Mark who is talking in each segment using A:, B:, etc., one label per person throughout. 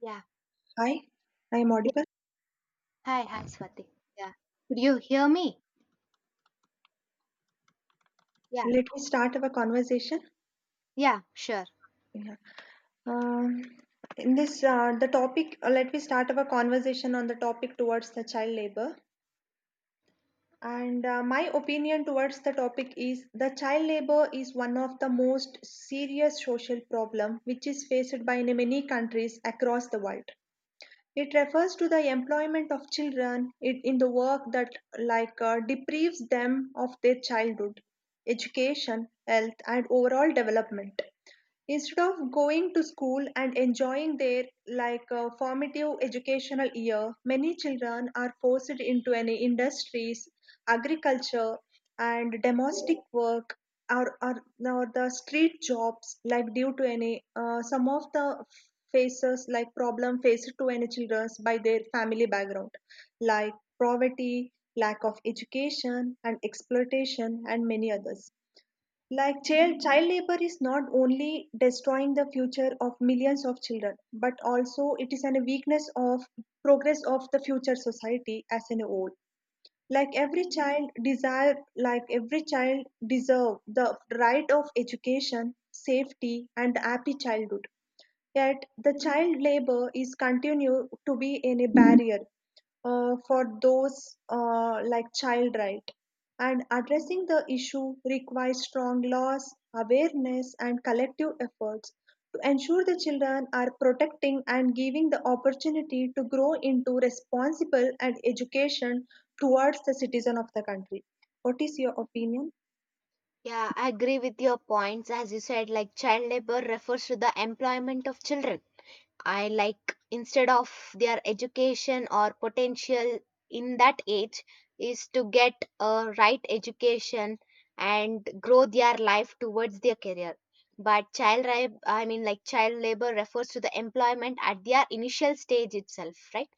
A: Yeah.
B: Hi, I am
A: Yeah.
B: audible.
A: Hi, Swati. Yeah. Could you hear me? Yeah.
B: Let me start our conversation.
A: Yeah, sure.
B: Yeah. Um, in this, let me start our conversation on the topic towards the child labor. And My opinion towards the topic is the child labor is one of the most serious social problem which is faced by many countries across the world. It refers to the employment of children in the work that deprives them of their childhood, education, health, and overall development. Instead of going to school and enjoying their formative educational year, many children are forced into any industries, agriculture, and domestic work or the street jobs like due to any some of the faces like problem faced to any children by their family background like poverty, lack of education and exploitation and many others like child labor is not only destroying the future of millions of children but also it is a weakness of progress of the future society as a whole like every child deserve the right of education, safety and happy childhood. Yet the child labor is continue to be in a barrier for those like child right, and addressing the issue requires strong laws, awareness and collective efforts to ensure the children are protecting and giving the opportunity to grow into responsible and education towards the citizen of the country. What is your opinion?
A: Yeah, I agree with your points. As you said, like child labor refers to the employment of children. I like instead of their education or potential in that age is to get a right education and grow their life towards their career. But child, rab- I mean, like child labor refers to the employment at their initial stage itself, right?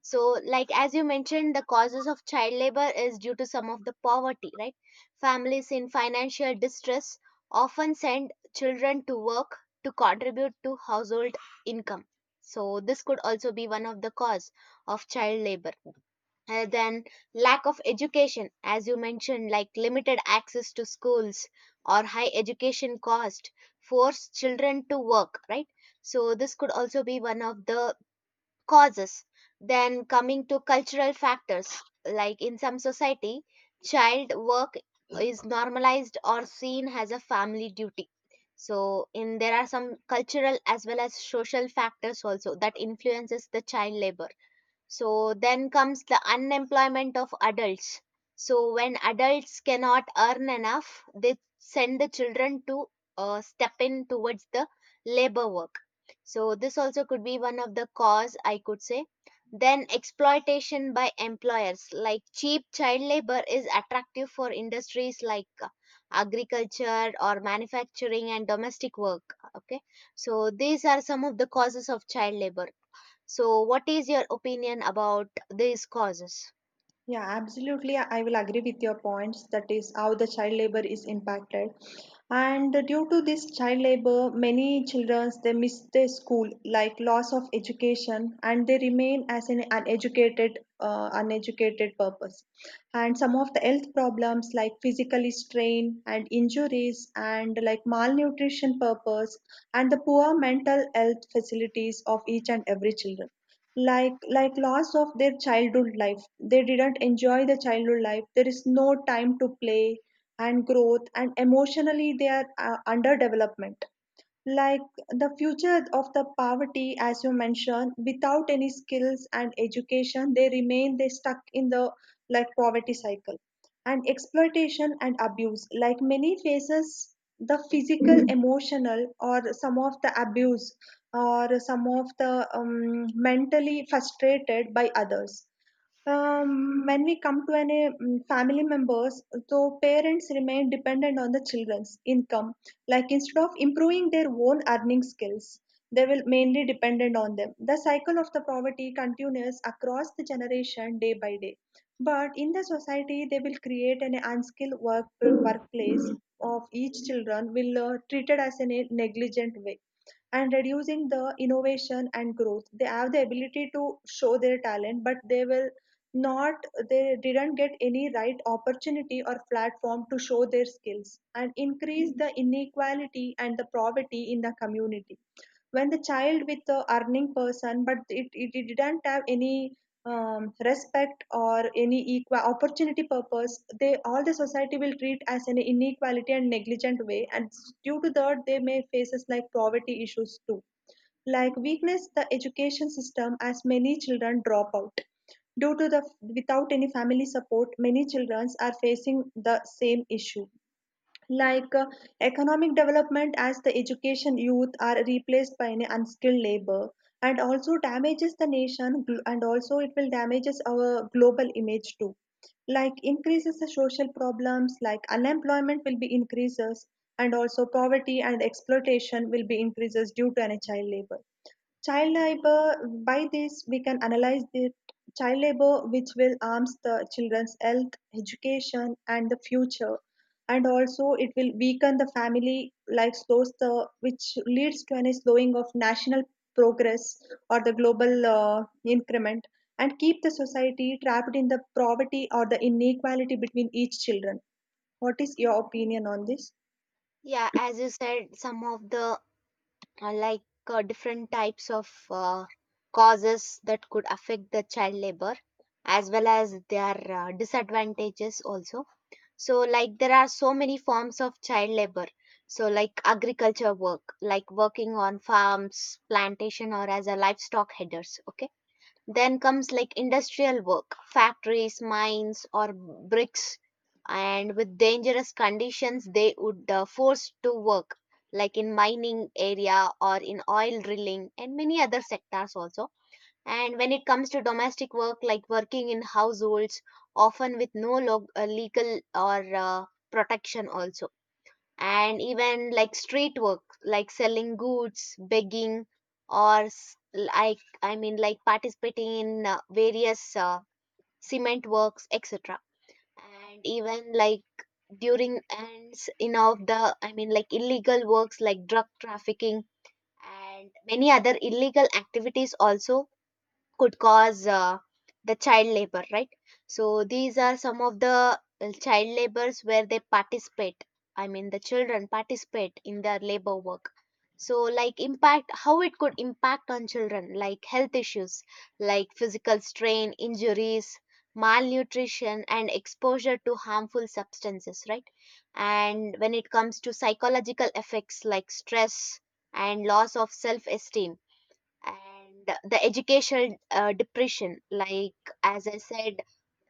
A: So, like as you mentioned, the causes of child labor is due to some of the poverty, right? Families in financial distress often send children to work to contribute to household income. So, this could also be one of the cause of child labor. And then, lack of education, as you mentioned, like limited access to schools or high education cost force children to work, right? So, this could also be one of the causes. Then coming to cultural factors, like in some society, child work is normalized or seen as a family duty. So in there are some cultural as well as social factors also that influences the child labor so then comes the unemployment of adults. So when adults cannot earn enough, they send the children to step in towards the labor work. So this also could be one of the cause I could say. Then exploitation by employers like cheap child labor is attractive for industries like agriculture or manufacturing and domestic work. Okay, so these are some of the causes of child labor so, what is your opinion about these causes?
B: Yeah, absolutely. I will agree with your points. That is how the child labor is impacted. And due to this child labor, many children they miss their school, like loss of education, and they remain as an uneducated purpose. And some of the health problems like physically strain and injuries, and like malnutrition purpose, and the poor mental health facilities of each and every children like loss of their childhood life, they didn't enjoy the childhood life, there is no time to play and growth, and emotionally they are under development, like the future of the poverty, as you mentioned, without any skills and education, they stuck in the like poverty cycle. And exploitation and abuse, like many faces the physical, Mhm, emotional, or some of the abuse, or some of the mentally frustrated by others when we come to any family members, so parents remain dependent on the children's income. Like instead of improving their own earning skills, they will mainly dependent on them. The cycle of the poverty continues across the generation day by day. But in the society, they will create an unskilled workplace of each children will treated as in a negligent way and reducing the innovation and growth. They have the ability to show their talent but they will not, they didn't get any right opportunity or platform to show their skills, and increase the inequality and the poverty in the community when the child with the earning person but it didn't have any respect or any equal opportunity purpose. They all the society will treat as an inequality and negligent way, and due to that they may faces like poverty issues too, like weakness the education system as many children drop out due to the without any family support, many children are facing the same issue, like uh, economic development as the education youth are replaced by an unskilled labor, and also damages the nation and also it will damages our global image too, like increases the social problems like unemployment will be increases, and also poverty and exploitation will be increases due to an child labor. Child labour, by this we can analyze the child labour which will harms the children's health, education and the future. And also it will weaken the family life, slows the, which leads to any slowing of national progress or the global increment and keep the society trapped in the poverty or the inequality between each children. What is your opinion on this?
A: Yeah, as you said, some of the different types of causes that could affect the child labor, as well as their disadvantages also. So, like there are so many forms of child labor. So, like agriculture work, like working on farms, plantation, or as a livestock headers. Okay. Then comes like industrial work, factories, mines, or bricks, and with dangerous conditions, they would forced to work like in mining area or in oil drilling and many other sectors also. And when it comes to domestic work, like working in households, often with no log- legal or protection also, and even like street work like selling goods, begging, or like I mean like participating in various cement works, etc. And even like during and s- in of the I mean like illegal works like drug trafficking and many other illegal activities also could cause the child labor, right? So these are some of the child labors where they participate, I mean the children participate in their labor work. So like impact how it could impact on children like health issues like physical strain injuries, malnutrition, and exposure to harmful substances, right? And when it comes to psychological effects like stress and loss of self esteem, and the educational depression, like as I said,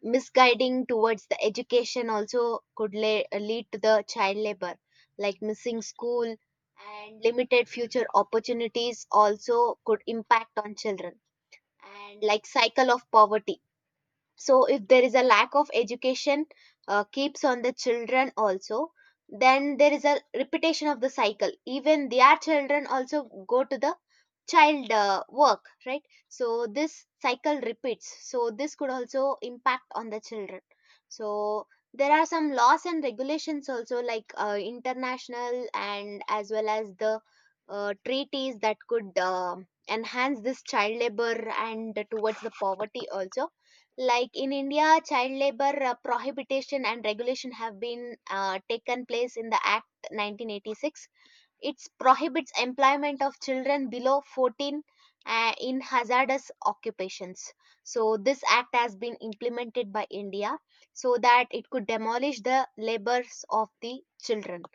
A: misguiding towards the education also could lead to the child labor, like missing school and limited future opportunities also could impact on children. And like cycle of poverty, so if there is a lack of education keeps on the children also, then there is a repetition of the cycle, even their children also go to the child work, right? So this cycle repeats, so this could also impact on the children. So there are some laws and regulations also, like international and as well as the treaties that could enhance this child labor and towards the poverty also. Like in India, child labor prohibition and regulation have been taken place in the act 1986. It prohibits employment of children below 14 in hazardous occupations. So this act has been implemented by India so that it could demolish the labors of the children.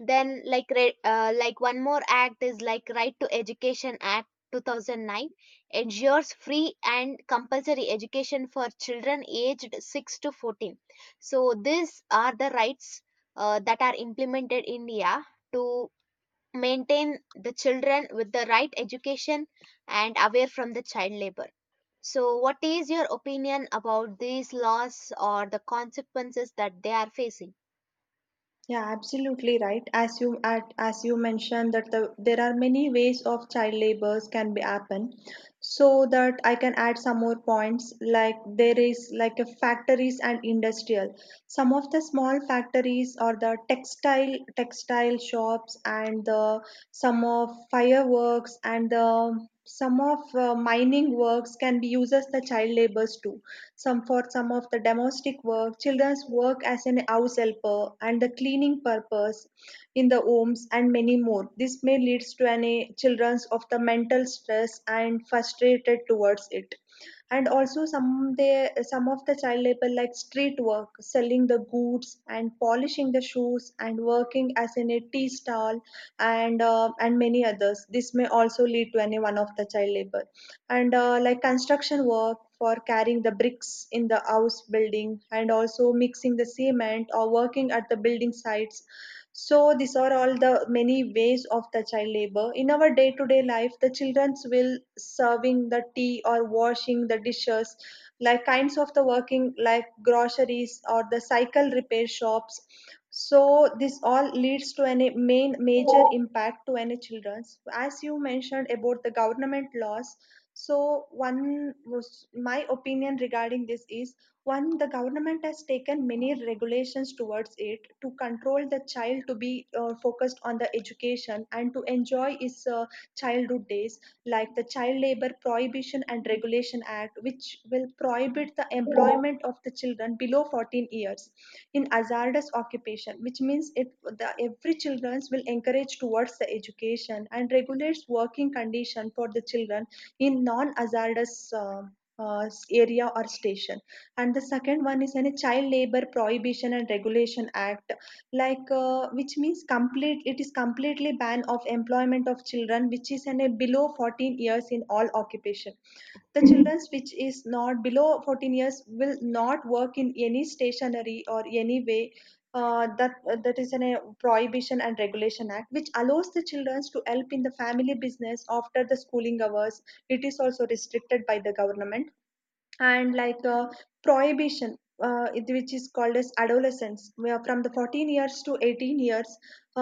A: Then, like like one more act is like Right to Education Act 2009 ensures free and compulsory education for children aged 6 to 14. So these are the rights that are implemented in India to maintain the children with the right education and away from the child labor. So, what is your opinion about these laws or the consequences that they are facing?
B: Yeah, absolutely right. As you mentioned that the, there are many ways of child labors can be happen. So that I can add some more points like there is like a factories and industrial. Some of the small factories or the textile shops and the some of fireworks and the some of mining works can be used as the child labors too, some for some of the domestic work, children's work as an house helper, and the cleaning purpose in the homes, and many more. This may leads to any children's of the mental stress and frustrated towards it, and also some of the child labor like street work, selling the goods and polishing the shoes and working as in a tea stall and many others, this may also lead to any one of the child labor and like construction work for carrying the bricks in the house building and also mixing the cement or working at the building sites. So these are all the many ways of the child labor. In our day-to-day life, the children's will serving the tea or washing the dishes, like kinds of the working like groceries or the cycle repair shops. So this all leads to any main major impact to any children's. As you mentioned about the government laws, so one was my opinion regarding this is one the government has taken many regulations towards it to control the child to be focused on the education and to enjoy his childhood days, like the child labor prohibition and regulation act which will prohibit the employment of the children below 14 years in hazardous occupation, which means it the every children will encourage towards the education and regulates working condition for the children in non-hazardous uh, area or station. And the second one is any child labor prohibition and regulation act, which means complete. It is completely ban of employment of children, which is in a below 14 years in all occupation. The children which is not below 14 years will not work in any stationery or any way that is an a prohibition and regulation act which allows the children to help in the family business after the schooling hours, it is also restricted by the government. And like Prohibition which is called as adolescence where from the 14 years to 18 years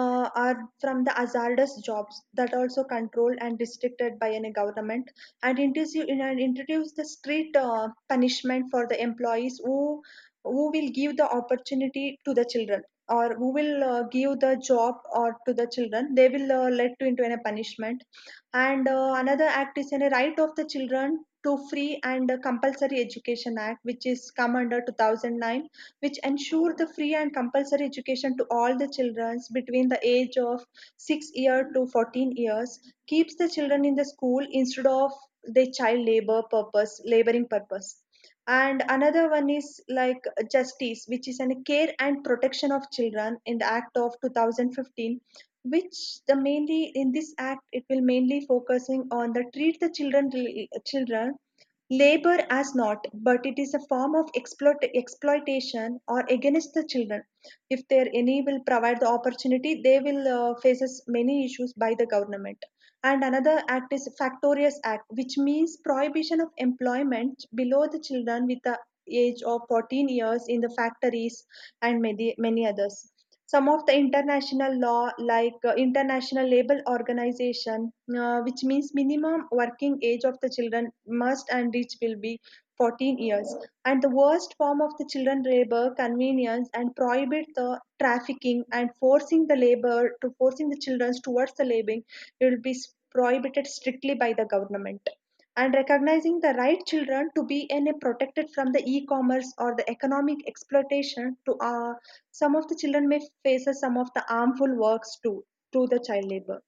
B: are from the hazardous jobs that also controlled and restricted by any government, and introduce the street punishment for the employees who will give the opportunity to the children or who will give the job or to the children, they will let to into a punishment. And Another act is in a right of the children to free and compulsory education act which is come under 2009, which ensure the free and compulsory education to all the children between the age of 6 year to 14 years, keeps the children in the school instead of the child labor purpose laboring purpose. And another one is like justice, which is an care and protection of children in the act of 2015, which the mainly in this act it will mainly focusing on the treat the children labor as not, but it is a form of exploitation or against the children. If there any will provide the opportunity, they will faces many issues by the government. And another act is factorious act which means prohibition of employment below the children with the age of 14 years in the factories and many many others. Some of the international law like international labor organization, which means minimum working age of the children must and reach will be 14 years. And the worst form of the children labor convenience and prohibit the trafficking and forcing the labor to forcing the children towards the laboring will be prohibited strictly by the government, and recognizing the right children to be in a protected from the e-commerce or the economic exploitation to some of the children may face some of the harmful works too to the child labor.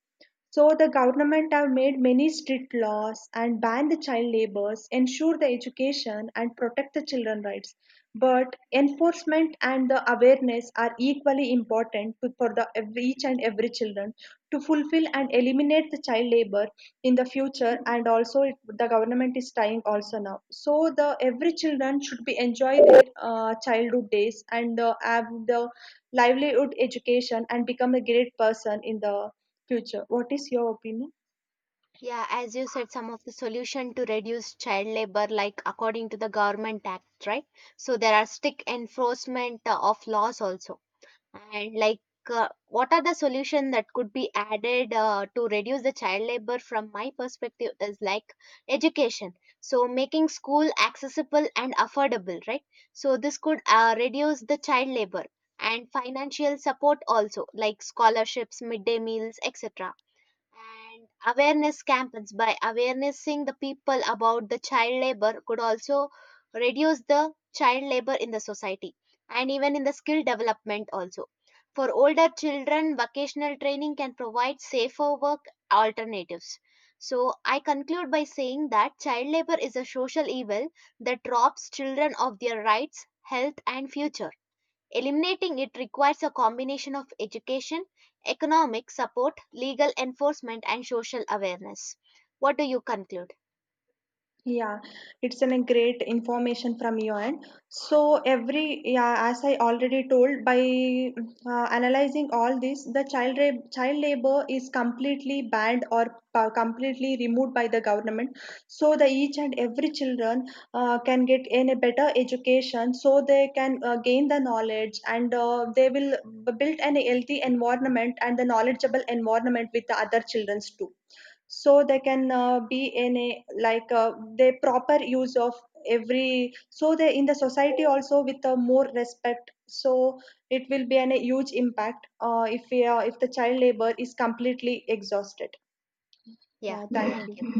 B: So the government have made many strict laws and ban the child labors, ensure the education and protect the children rights. But enforcement and the awareness are equally important to, for the each and every children to fulfill and eliminate the child labor in the future. And also it, the government is trying also now. So the every children should be enjoy their childhood days and have the livelihood education and become a great person in the future. What is your opinion?
A: Yeah, as you said, some of the solution to reduce child labor, like according to the government act, right? So there are strict enforcement of laws also. And like, what are the solution that could be added to reduce the child labor? From my perspective, is like education. So making school accessible and affordable, right? So this could reduce the child labor, and financial support also, like scholarships, midday meals, etc. And awareness campaigns by awarenessing the people about the child labor could also reduce the child labor in the society. And even in the skill development also, for older children vocational training can provide safer work alternatives. So I conclude by saying that child labor is a social evil that robs children of their rights, health, and future. Eliminating it requires a combination of education, economic support, legal enforcement, and social awareness. What do you conclude?
B: Yeah, it's a great information from your end. So every yeah, as I already told, by analyzing all this, the child labor is completely banned or completely removed by the government. So the each and every children can get in a better education, so they can gain the knowledge and they will build an healthy environment and the knowledgeable environment with the other childrens too, so they can be in a the proper use of every, so they in the society also with more respect, so it will be a huge impact if the child labor is completely exhausted.
A: Yeah,
B: Yeah, thank
A: thank you.
B: you.